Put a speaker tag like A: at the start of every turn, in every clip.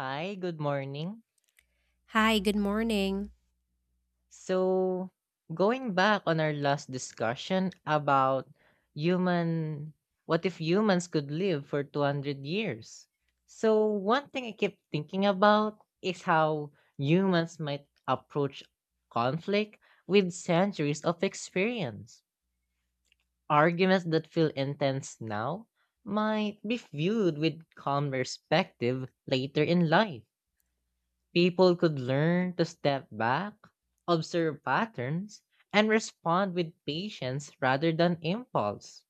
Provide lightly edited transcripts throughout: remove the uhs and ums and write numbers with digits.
A: Hi, good morning.
B: Hi, good morning.
A: So, going back on our last discussion about human, what if humans could live for 200 years? So, one thing I keep thinking about is how humans might approach conflict with centuries of experience. Arguments that feel intense now might be viewed with calm perspective later in life. People could learn to step back, observe patterns, and respond with patience rather than impulse.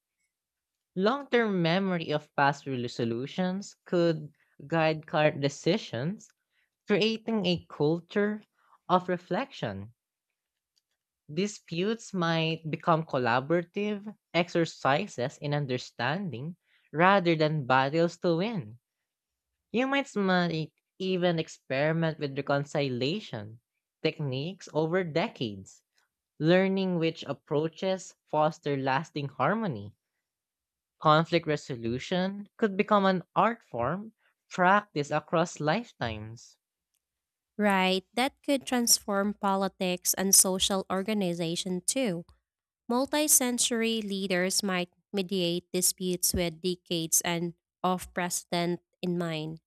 A: Long term memory of past resolutions could guide current decisions, creating a culture of reflection. Disputes might become collaborative exercises in understanding rather than battles to win. You might even experiment with reconciliation techniques over decades, learning which approaches foster lasting harmony. Conflict resolution could become an art form practiced across lifetimes.
B: Right, that could transform politics and social organization too. Multi-century leaders might mediate disputes with decades and of precedent in mind.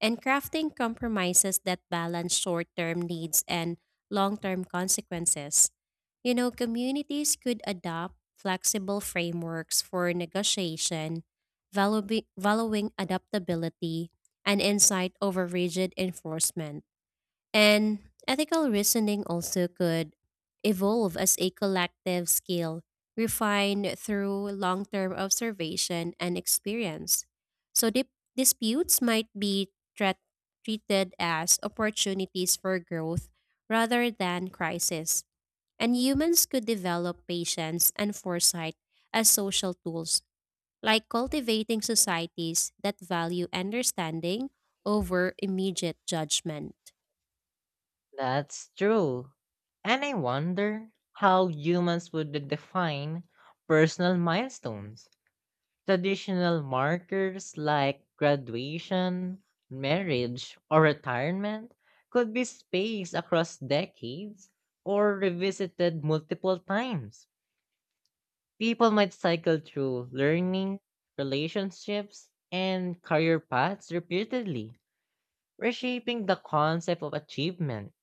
B: And crafting compromises that balance short term needs and long term consequences. Communities could adopt flexible frameworks for negotiation, valuing adaptability and insight over rigid enforcement. And ethical reasoning also could evolve as a collective skill, refined through long term observation and experience. So, disputes might be tra- treated as opportunities for growth rather than crisis. And humans could develop patience and foresight as social tools, like cultivating societies that value understanding over immediate judgment.
A: That's true. And I wonder how humans would define personal milestones. Traditional markers like graduation, marriage, or retirement could be spaced across decades or revisited multiple times. People might cycle through learning, relationships, and career paths repeatedly, reshaping the concept of achievement.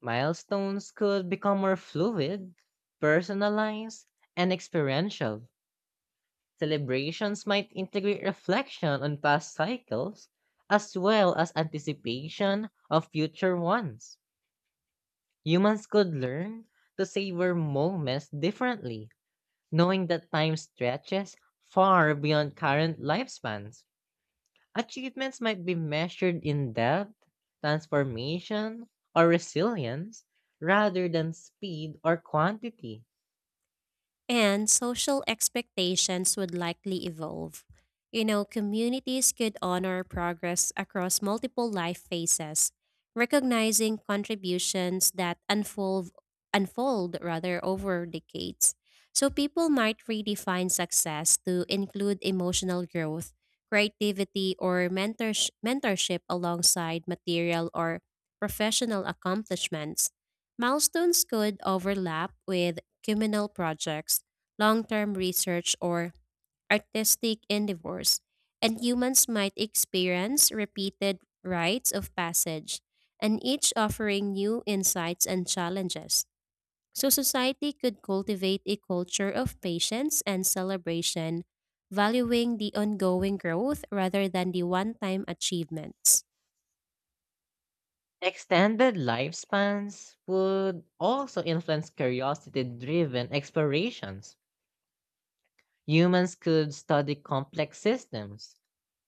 A: Milestones could become more fluid, personalized, and experiential. Celebrations might integrate reflection on past cycles as well as anticipation of future ones. Humans could learn to savor moments differently, knowing that time stretches far beyond current lifespans. Achievements might be measured in depth, transformation, or resilience rather than speed or quantity.
B: And social expectations would likely evolve. Communities could honor progress across multiple life phases, recognizing contributions that unfold rather over decades. So people might redefine success to include emotional growth, creativity, or mentorship alongside material or professional accomplishments. Milestones could overlap with communal projects, long term research, or artistic endeavors, and humans might experience repeated rites of passage, and each offering new insights and challenges. So, society could cultivate a culture of patience and celebration, valuing the ongoing growth rather than the one time achievements.
A: Extended lifespans would also influence curiosity driven explorations. Humans could study complex systems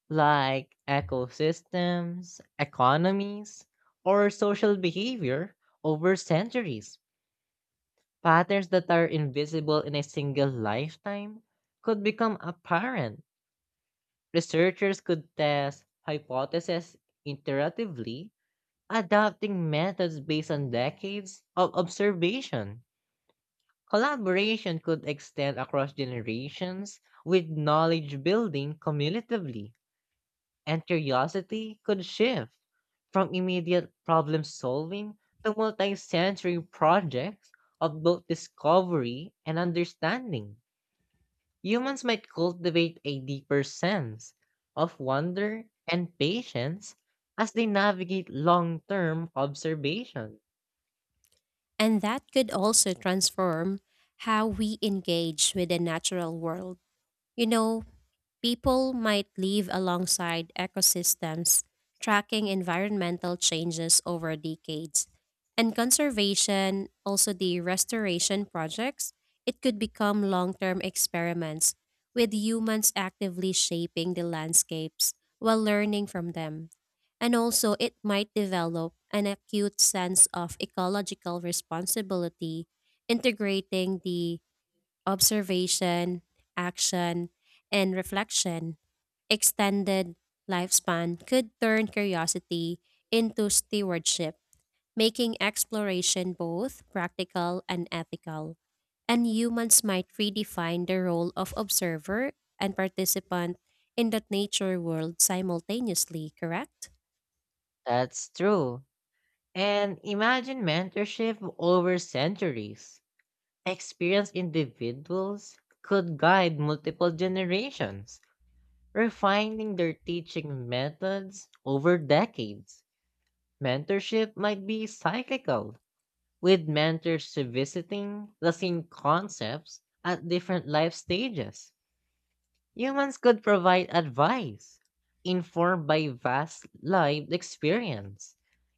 A: like ecosystems, economies, or social behavior over centuries. Patterns that are invisible in a single lifetime could become apparent. Researchers could test hypotheses iteratively, adapting methods based on decades of observation. Collaboration could extend across generations with knowledge building cumulatively, and curiosity could shift from immediate problem solving to multi sensory projects of both discovery and understanding. Humans might cultivate a deeper sense of wonder and patience as they navigate long term observation.
B: And that could also transform how we engage with the natural world. You know, People might live alongside ecosystems, tracking environmental changes over decades. And conservation, also the restoration projects, it could become long term experiments with humans actively shaping the landscapes while learning from them. And also, it might develop an acute sense of ecological responsibility, integrating the observation, action, and reflection, extended lifespan could turn curiosity into stewardship, making exploration both practical and ethical. And humans might redefine the role of observer and participant in the nature world simultaneously, correct?
A: That's true. And imagine mentorship over centuries. Experienced individuals could guide multiple generations, refining their teaching methods over decades. Mentorship might be cyclical, with mentors revisiting the same concepts at different life stages. Humans could provide advice, informed by vast lived experience,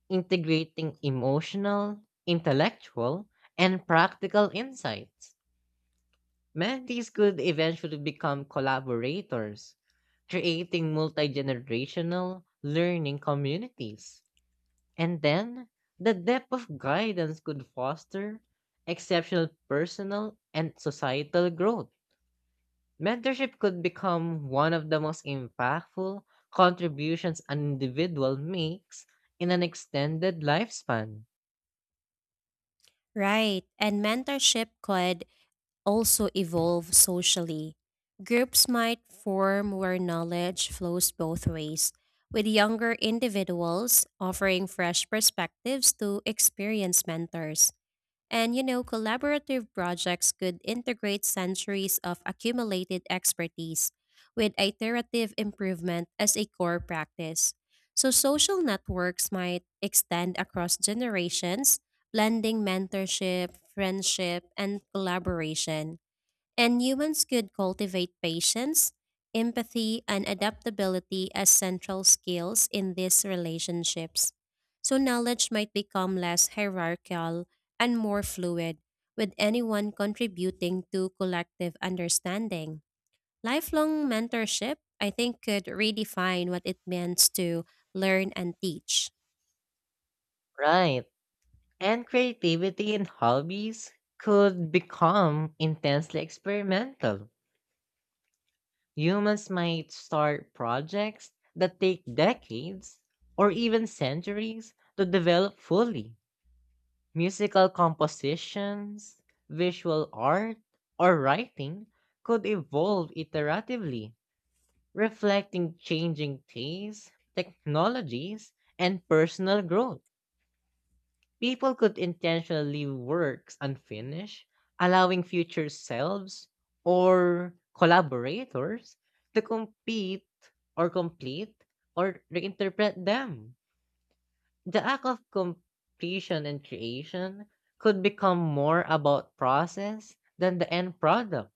A: integrating emotional, intellectual, and practical insights. Mentees could eventually become collaborators, creating multi generational learning communities. And then, the depth of guidance could foster exceptional personal and societal growth. Mentorship could become one of the most impactful contributions an individual makes in an extended lifespan.
B: Right. And mentorship could also evolve socially. Groups might form where knowledge flows both ways, with younger individuals offering fresh perspectives to experienced mentors. And collaborative projects could integrate centuries of accumulated expertise with iterative improvement as a core practice. So, social networks might extend across generations, blending mentorship, friendship, and collaboration. And humans could cultivate patience, empathy, and adaptability as central skills in these relationships. So, knowledge might become less hierarchical and more fluid, with anyone contributing to collective understanding. Lifelong mentorship, I think, could redefine what it means to learn and teach.
A: Right. And creativity in hobbies could become intensely experimental. Humans might start projects that take decades or even centuries to develop fully. Musical compositions, visual art, or writing could evolve iteratively, reflecting changing tastes, technologies, and personal growth. People could intentionally leave works unfinished, allowing future selves or collaborators to compete or complete or reinterpret them. The act of completion and creation could become more about process than the end product.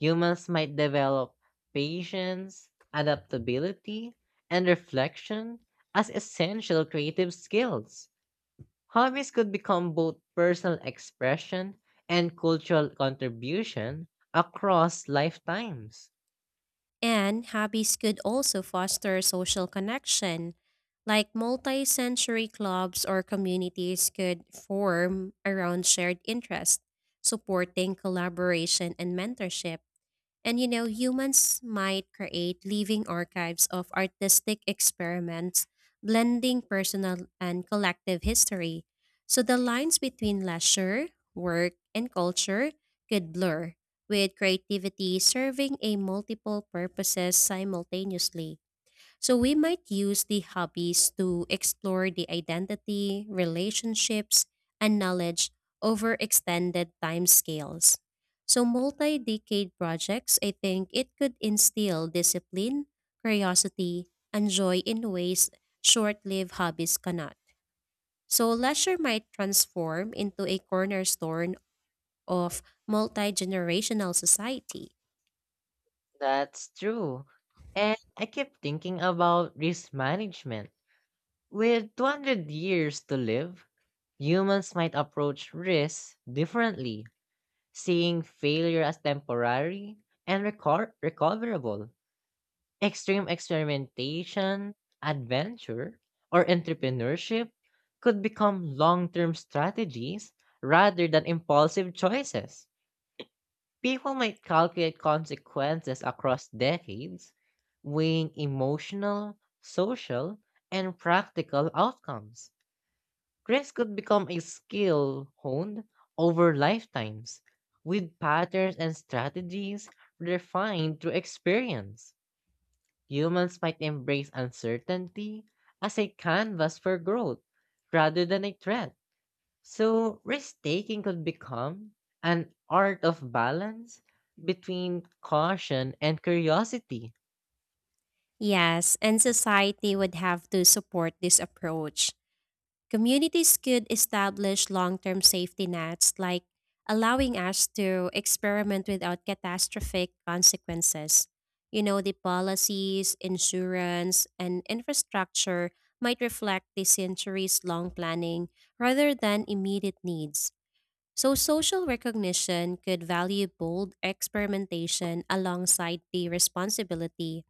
A: Humans might develop patience, adaptability, and reflection as essential creative skills. Hobbies could become both personal expression and cultural contribution across lifetimes.
B: And hobbies could also foster social connection, like multi sensory clubs or communities could form around shared interests, supporting collaboration and mentorship. And humans might create living archives of artistic experiments, blending personal and collective history. So the lines between leisure, work, and culture could blur, with creativity serving a multiple purposes simultaneously. So we might use the hobbies to explore the identity, relationships, and knowledge over extended time scales. So multi-decade projects, I think it could instill discipline, curiosity, and joy in ways short-lived hobbies cannot. So leisure might transform into a cornerstone of multi-generational society.
A: That's true. And I keep thinking about risk management. With 200 years to live, humans might approach risks differently. Seeing failure as temporary and recoverable, extreme experimentation, adventure, or entrepreneurship could become long term strategies rather than impulsive choices. People might calculate consequences across decades, weighing emotional, social, and practical outcomes. Dress could become a skill honed over lifetimes, with patterns and strategies refined through experience. Humans might embrace uncertainty as a canvas for growth rather than a threat. So, risk taking could become an art of balance between caution and curiosity.
B: Yes, and society would have to support this approach. Communities could establish long term safety nets, like allowing us to experiment without catastrophic consequences. The policies, insurance, and infrastructure might reflect the centuries long planning rather than immediate needs. So, social recognition could value bold experimentation alongside the responsibility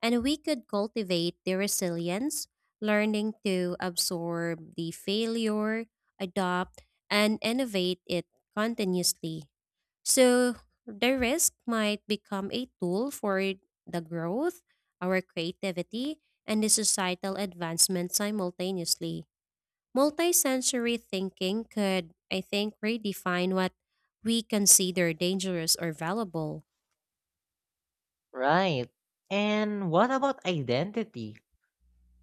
B: and we could cultivate their resilience, learning to absorb the failure, adopt, and innovate it continuously. So the risk might become a tool for the growth, our creativity, and the societal advancement simultaneously. Multisensory thinking could, I think, redefine what we consider dangerous or valuable.
A: Right. And what about identity?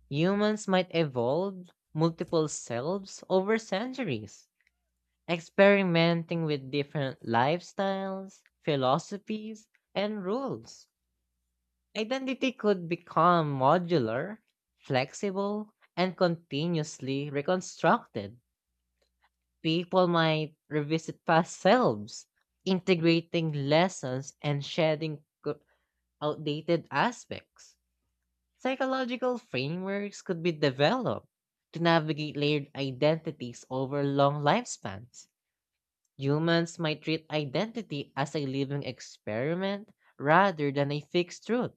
A: Humans might evolve multiple selves over centuries, experimenting with different lifestyles, philosophies, and rules. Identity could become modular, flexible, and continuously reconstructed. People might revisit past selves, integrating lessons and shedding outdated aspects. Psychological frameworks could be developed to navigate layered identities over long lifespans. Humans might treat identity as a living experiment rather than a fixed truth.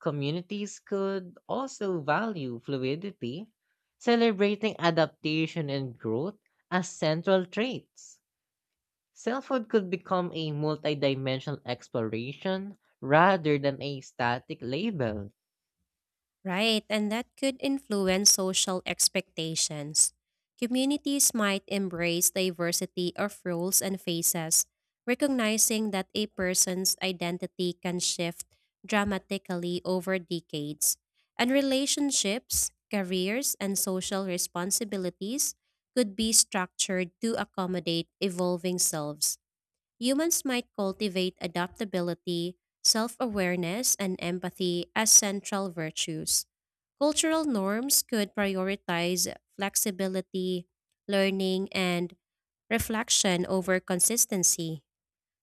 A: Communities could also value fluidity, celebrating adaptation and growth as central traits. Selfhood could become a multidimensional exploration rather than a static label.
B: Right, and that could influence social expectations. Communities might embrace diversity of roles and faces, recognizing that a person's identity can shift dramatically over decades. And relationships, careers, and social responsibilities could be structured to accommodate evolving selves. Humans might cultivate adaptability, self awareness, and empathy as central virtues. Cultural norms could prioritize flexibility, learning, and reflection over consistency.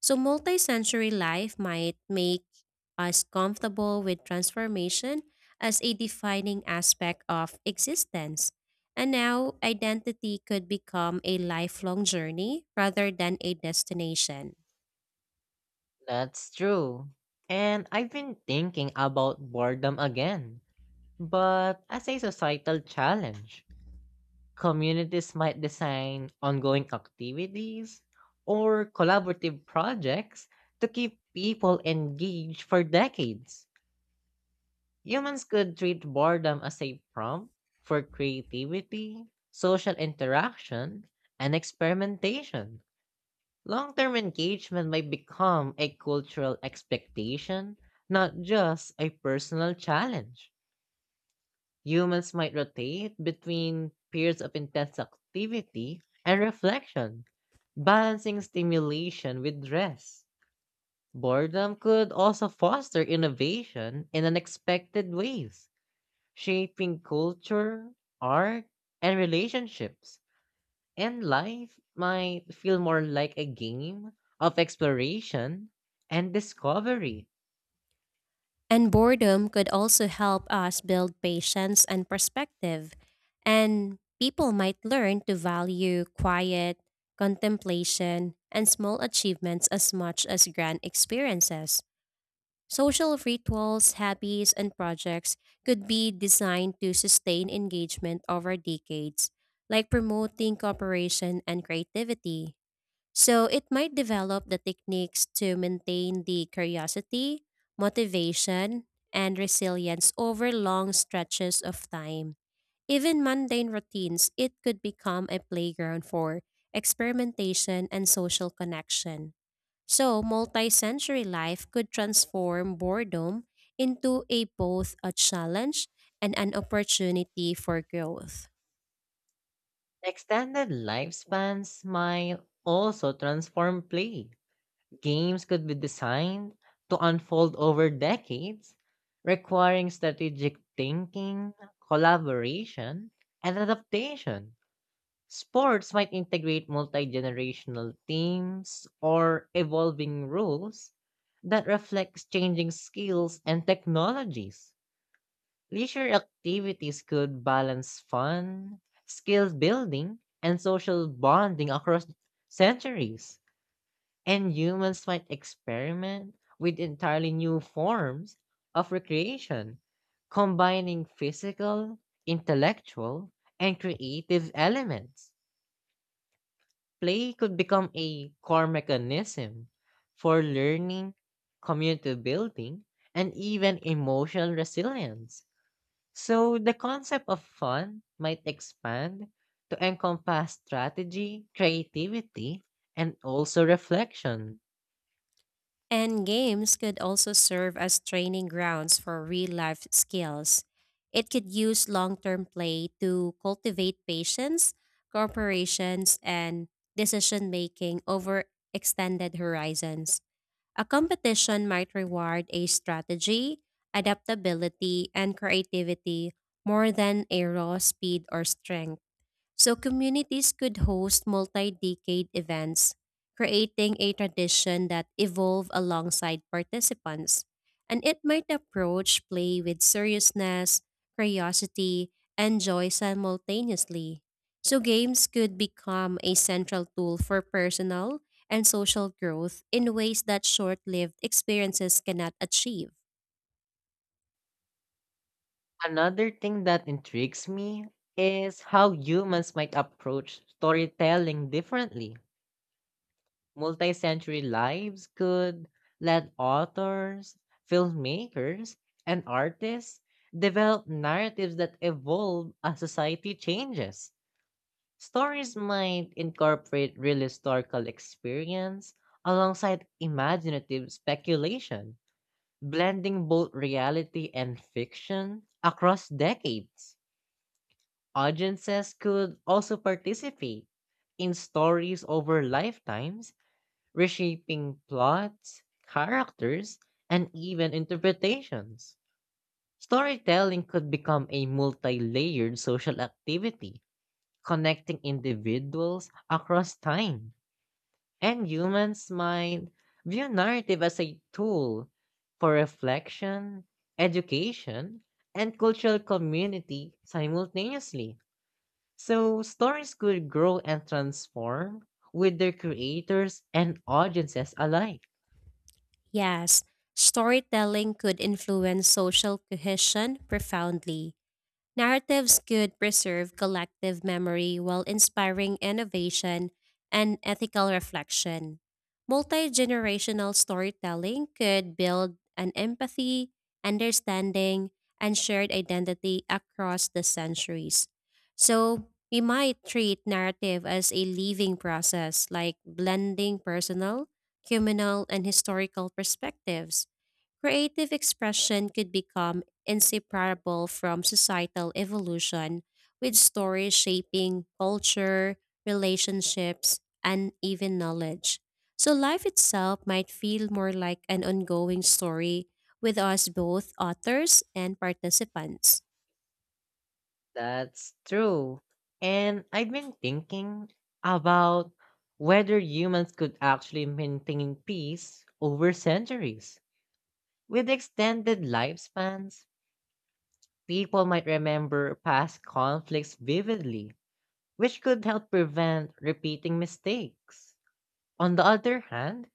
B: So, multisensory life might make us comfortable with transformation as a defining aspect of existence. And now, identity could become a lifelong journey rather than a destination.
A: That's true. And I've been thinking about boredom again, but as a societal challenge, communities might design ongoing activities or collaborative projects to keep people engaged for decades. Humans could treat boredom as a prompt for creativity, social interaction, and experimentation. Long term engagement might become a cultural expectation, not just a personal challenge. Humans might rotate between periods of intense activity and reflection, balancing stimulation with rest. Boredom could also foster innovation in unexpected ways, shaping culture, art, and relationships. And life might feel more like a game of exploration and discovery.
B: And boredom could also help us build patience and perspective. And people might learn to value quiet, contemplation, and small achievements as much as grand experiences. Social rituals, hobbies, and projects could be designed to sustain engagement over decades, like promoting cooperation and creativity. So it might develop the techniques to maintain the curiosity, motivation, and resilience over long stretches of time. Even mundane routines, it could become a playground for experimentation and social connection. So, multi sensory life could transform boredom into a both a challenge and an opportunity for growth.
A: Extended lifespans might also transform play. Games could be designed to unfold over decades, requiring strategic thinking, collaboration, and adaptation. Sports might integrate multi generational teams or evolving rules that reflects changing skills and technologies. Leisure activities could balance fun, skill building, and social bonding across centuries, and humans might experiment with entirely new forms of recreation, combining physical, intellectual, and creative elements. Play could become a core mechanism for learning, community building, and even emotional resilience. So the concept of fun might expand to encompass strategy, creativity, and also reflection.
B: And games could also serve as training grounds for real life skills. It could use long term play to cultivate patience, cooperations, and decision making over extended horizons. A competition might reward a strategy, adaptability, and creativity more than a raw speed or strength. So communities could host multi-decade events, creating a tradition that evolve alongside participants. And it might approach play with seriousness, curiosity, and joy simultaneously. So games could become a central tool for personal and social growth in ways that short-lived experiences cannot achieve.
A: Another thing that intrigues me is how humans might approach storytelling differently. Multi-century lives could let authors, filmmakers, and artists develop narratives that evolve as society changes. Stories might incorporate real historical experience alongside imaginative speculation, blending both reality and fiction across decades. Audiences could also participate in stories over lifetimes, reshaping plots, characters, and even interpretations. Storytelling could become a multi layered social activity, connecting individuals across time. And humans might view narrative as a tool for reflection, education, and cultural community simultaneously. So, stories could grow and transform with their creators and audiences alike.
B: Yes, storytelling could influence social cohesion profoundly. Narratives could preserve collective memory while inspiring innovation and ethical reflection. Multi generational storytelling could build an empathy, understanding, and shared identity across the centuries. So, we might treat narrative as a living process, like blending personal, communal, and historical perspectives. Creative expression could become inseparable from societal evolution, with stories shaping culture, relationships, and even knowledge. So life itself might feel more like an ongoing story with us both authors and participants.
A: That's true. And I've been thinking about whether humans could actually maintain peace over centuries. With extended lifespans, people might remember past conflicts vividly, which could help prevent repeating mistakes. On the other hand,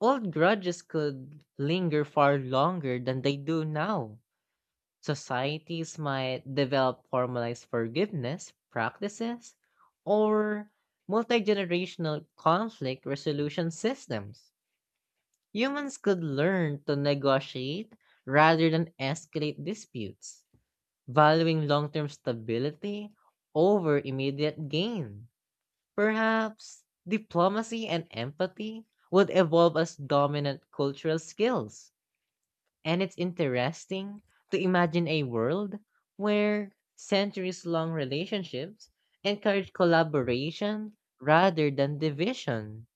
A: old grudges could linger far longer than they do now. Societies might develop formalized forgiveness practices or multi generational conflict resolution systems. Humans could learn to negotiate rather than escalate disputes, valuing long term stability over immediate gain. Perhaps diplomacy and empathy would evolve as dominant cultural skills, and it's interesting to imagine a world where centuries long relationships encourage collaboration rather than division.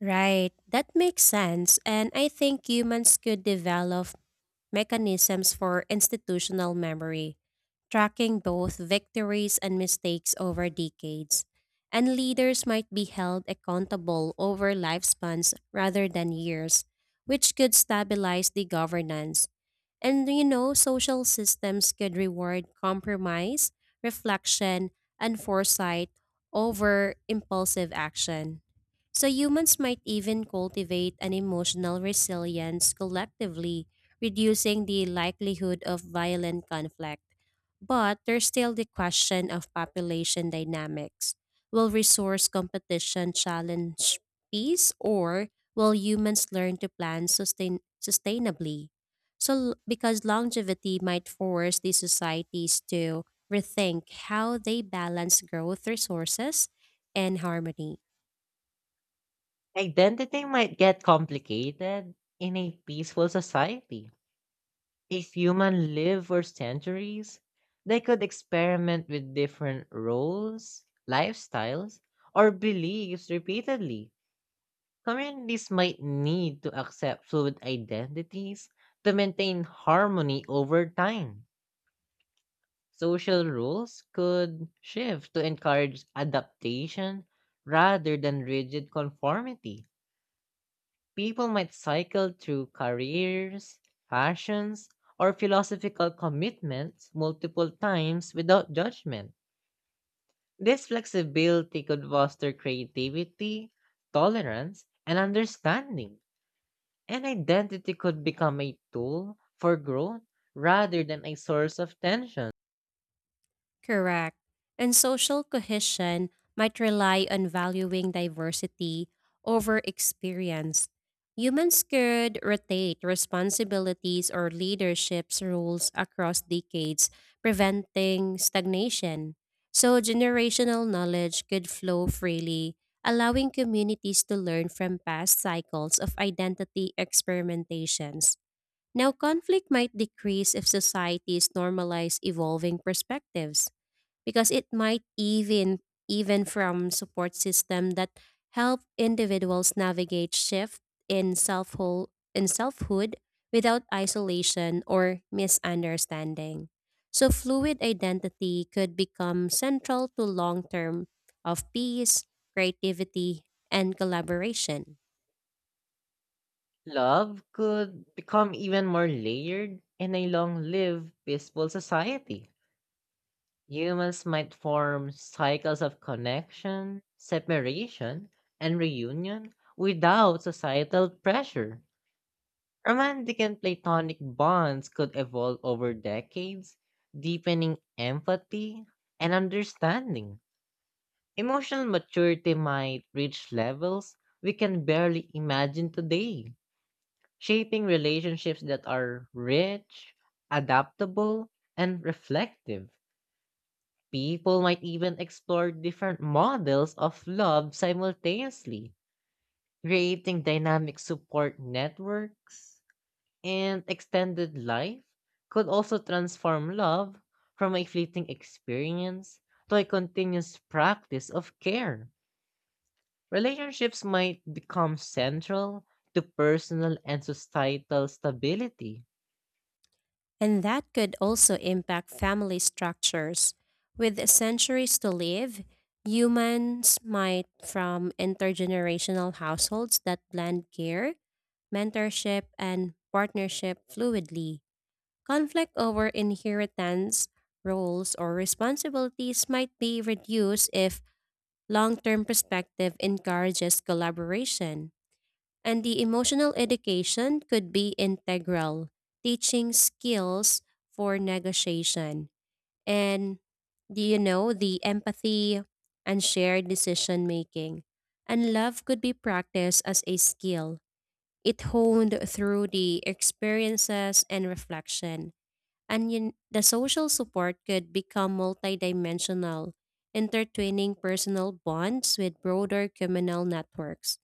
B: Right, that makes sense. And I think humans could develop mechanisms for institutional memory, tracking both victories and mistakes over decades. And leaders might be held accountable over lifespans rather than years, which could stabilize the governance. And social systems could reward compromise, reflection, and foresight over impulsive action. So humans might even cultivate an emotional resilience collectively, reducing the likelihood of violent conflict. But there's still the question of population dynamics. Will resource competition challenge peace, or will humans learn to plan sustainably? So, because longevity might force these societies to rethink how they balance growth, resources, and harmony.
A: Identity might get complicated in a peaceful society. If humans live for centuries, they could experiment with different roles, lifestyles, or beliefs repeatedly. Communities might need to accept fluid identities to maintain harmony over time. Social rules could shift to encourage adaptation rather than rigid conformity. People might cycle through careers, fashions, or philosophical commitments multiple times without judgment. This flexibility could foster creativity, tolerance, and understanding. And identity could become a tool for growth rather than a source of tension.
B: Correct. And social cohesion might rely on valuing diversity over experience. Humans could rotate responsibilities or leadership's roles across decades, preventing stagnation. So, generational knowledge could flow freely, allowing communities to learn from past cycles of identity experimentations. Now, conflict might decrease if societies normalize evolving perspectives because it might even from support system that help individuals navigate shift in selfhood in selfhood without isolation or misunderstanding. So fluid identity could become central to long-term of peace, creativity, and collaboration.
A: Love could become even more layered in a long lived, peaceful society. Humans might form cycles of connection, separation, and reunion without societal pressure. Romantic and platonic bonds could evolve over decades, deepening empathy and understanding. Emotional maturity might reach levels we can barely imagine today, shaping relationships that are rich, adaptable, and reflective. People might even explore different models of love simultaneously, creating dynamic support networks, and extended life could also transform love from a fleeting experience to a continuous practice of care. Relationships might become central to personal and societal stability.
B: And that could also impact family structures. With centuries to live, humans might from intergenerational households that blend care, mentorship, and partnership fluidly. Conflict over inheritance, roles, or responsibilities might be reduced if long term perspective encourages collaboration. And the emotional education could be integral, teaching skills for negotiation and do you know the empathy and shared decision making. And love could be practiced as a skill. It honed through the experiences and reflection. And you, the social support could become multidimensional, intertwining personal bonds with broader communal networks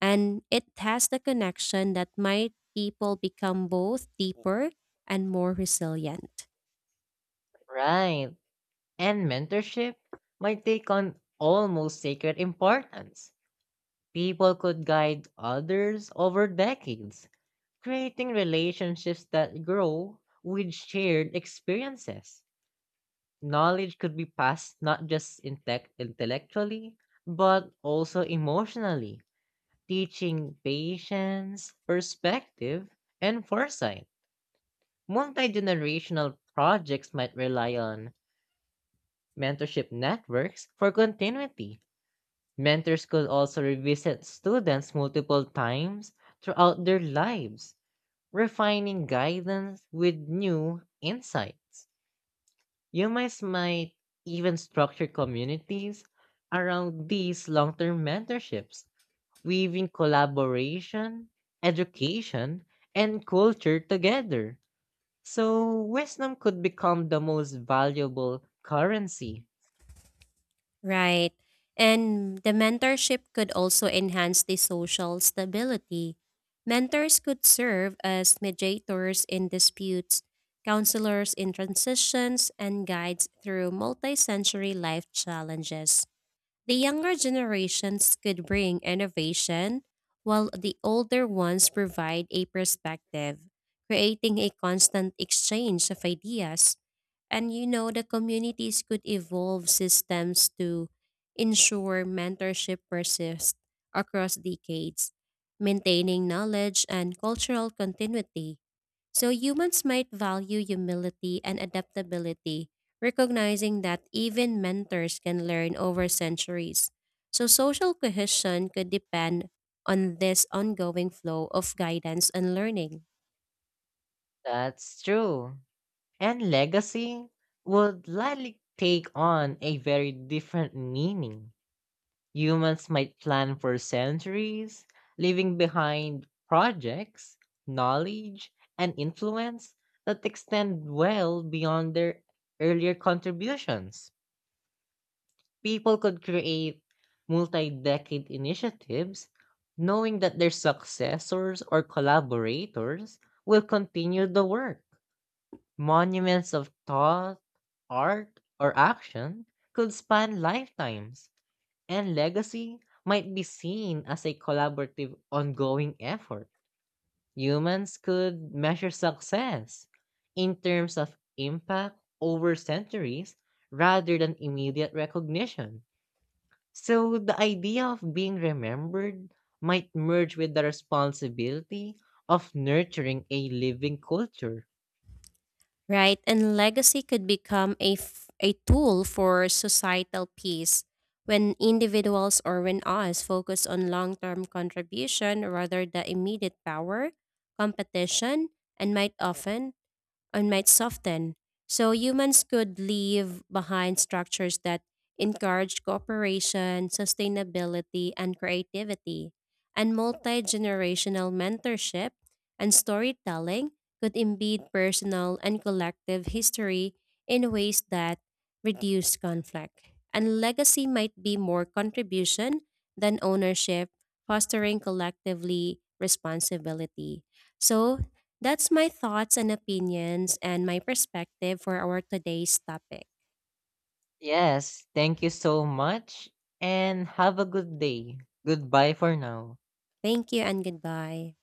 B: and it has the connection that might people become both deeper and more resilient.
A: Right. And mentorship might take on almost sacred importance. People could guide others over decades, creating relationships that grow with shared experiences. Knowledge could be passed not just intellectually, but also emotionally, teaching patience, perspective, and foresight. Multi generational projects might rely on mentorship networks for continuity. Mentors could also revisit students multiple times throughout their lives, refining guidance with new insights. Humans might even structure communities around these long term mentorships, weaving collaboration, education, and culture together. So, wisdom could become the most valuable currency.
B: Right. And the mentorship could also enhance the social stability. Mentors could serve as mediators in disputes, counselors in transitions, and guides through multi-sensory life challenges. The younger generations could bring innovation, while the older ones provide a perspective, creating a constant exchange of ideas. And the communities could evolve systems to ensure mentorship persists across decades, maintaining knowledge and cultural continuity. So humans might value humility and adaptability recognizing that even mentors can learn over centuries. So, social cohesion could depend on this ongoing flow of guidance and learning,
A: That's true. And legacy would likely take on a very different meaning. Humans might plan for centuries, leaving behind projects, knowledge, and influence that extend well beyond their earlier contributions. People could create multi decade initiatives knowing that their successors or collaborators will continue the work. Monuments of thought, art, or action could span lifetimes, and legacy might be seen as a collaborative, ongoing effort. Humans could measure success in terms of impact over centuries rather than immediate recognition. So the idea of being remembered might merge with the responsibility of nurturing a living culture.
B: right? And legacy could become a tool for societal peace when individuals or when us focus on long term contribution rather than immediate power, competition, and might often and might soften. So humans could leave behind structures that encourage cooperation, sustainability, and creativity. And multi generational mentorship and storytelling could embed personal and collective history in ways that reduce conflict. And legacy might be more contribution than ownership, fostering collectively responsibility. So, that's my thoughts and opinions and my perspective for our today's topic.
A: Yes, thank you so much and have a good day. Goodbye for now.
B: Thank you and goodbye.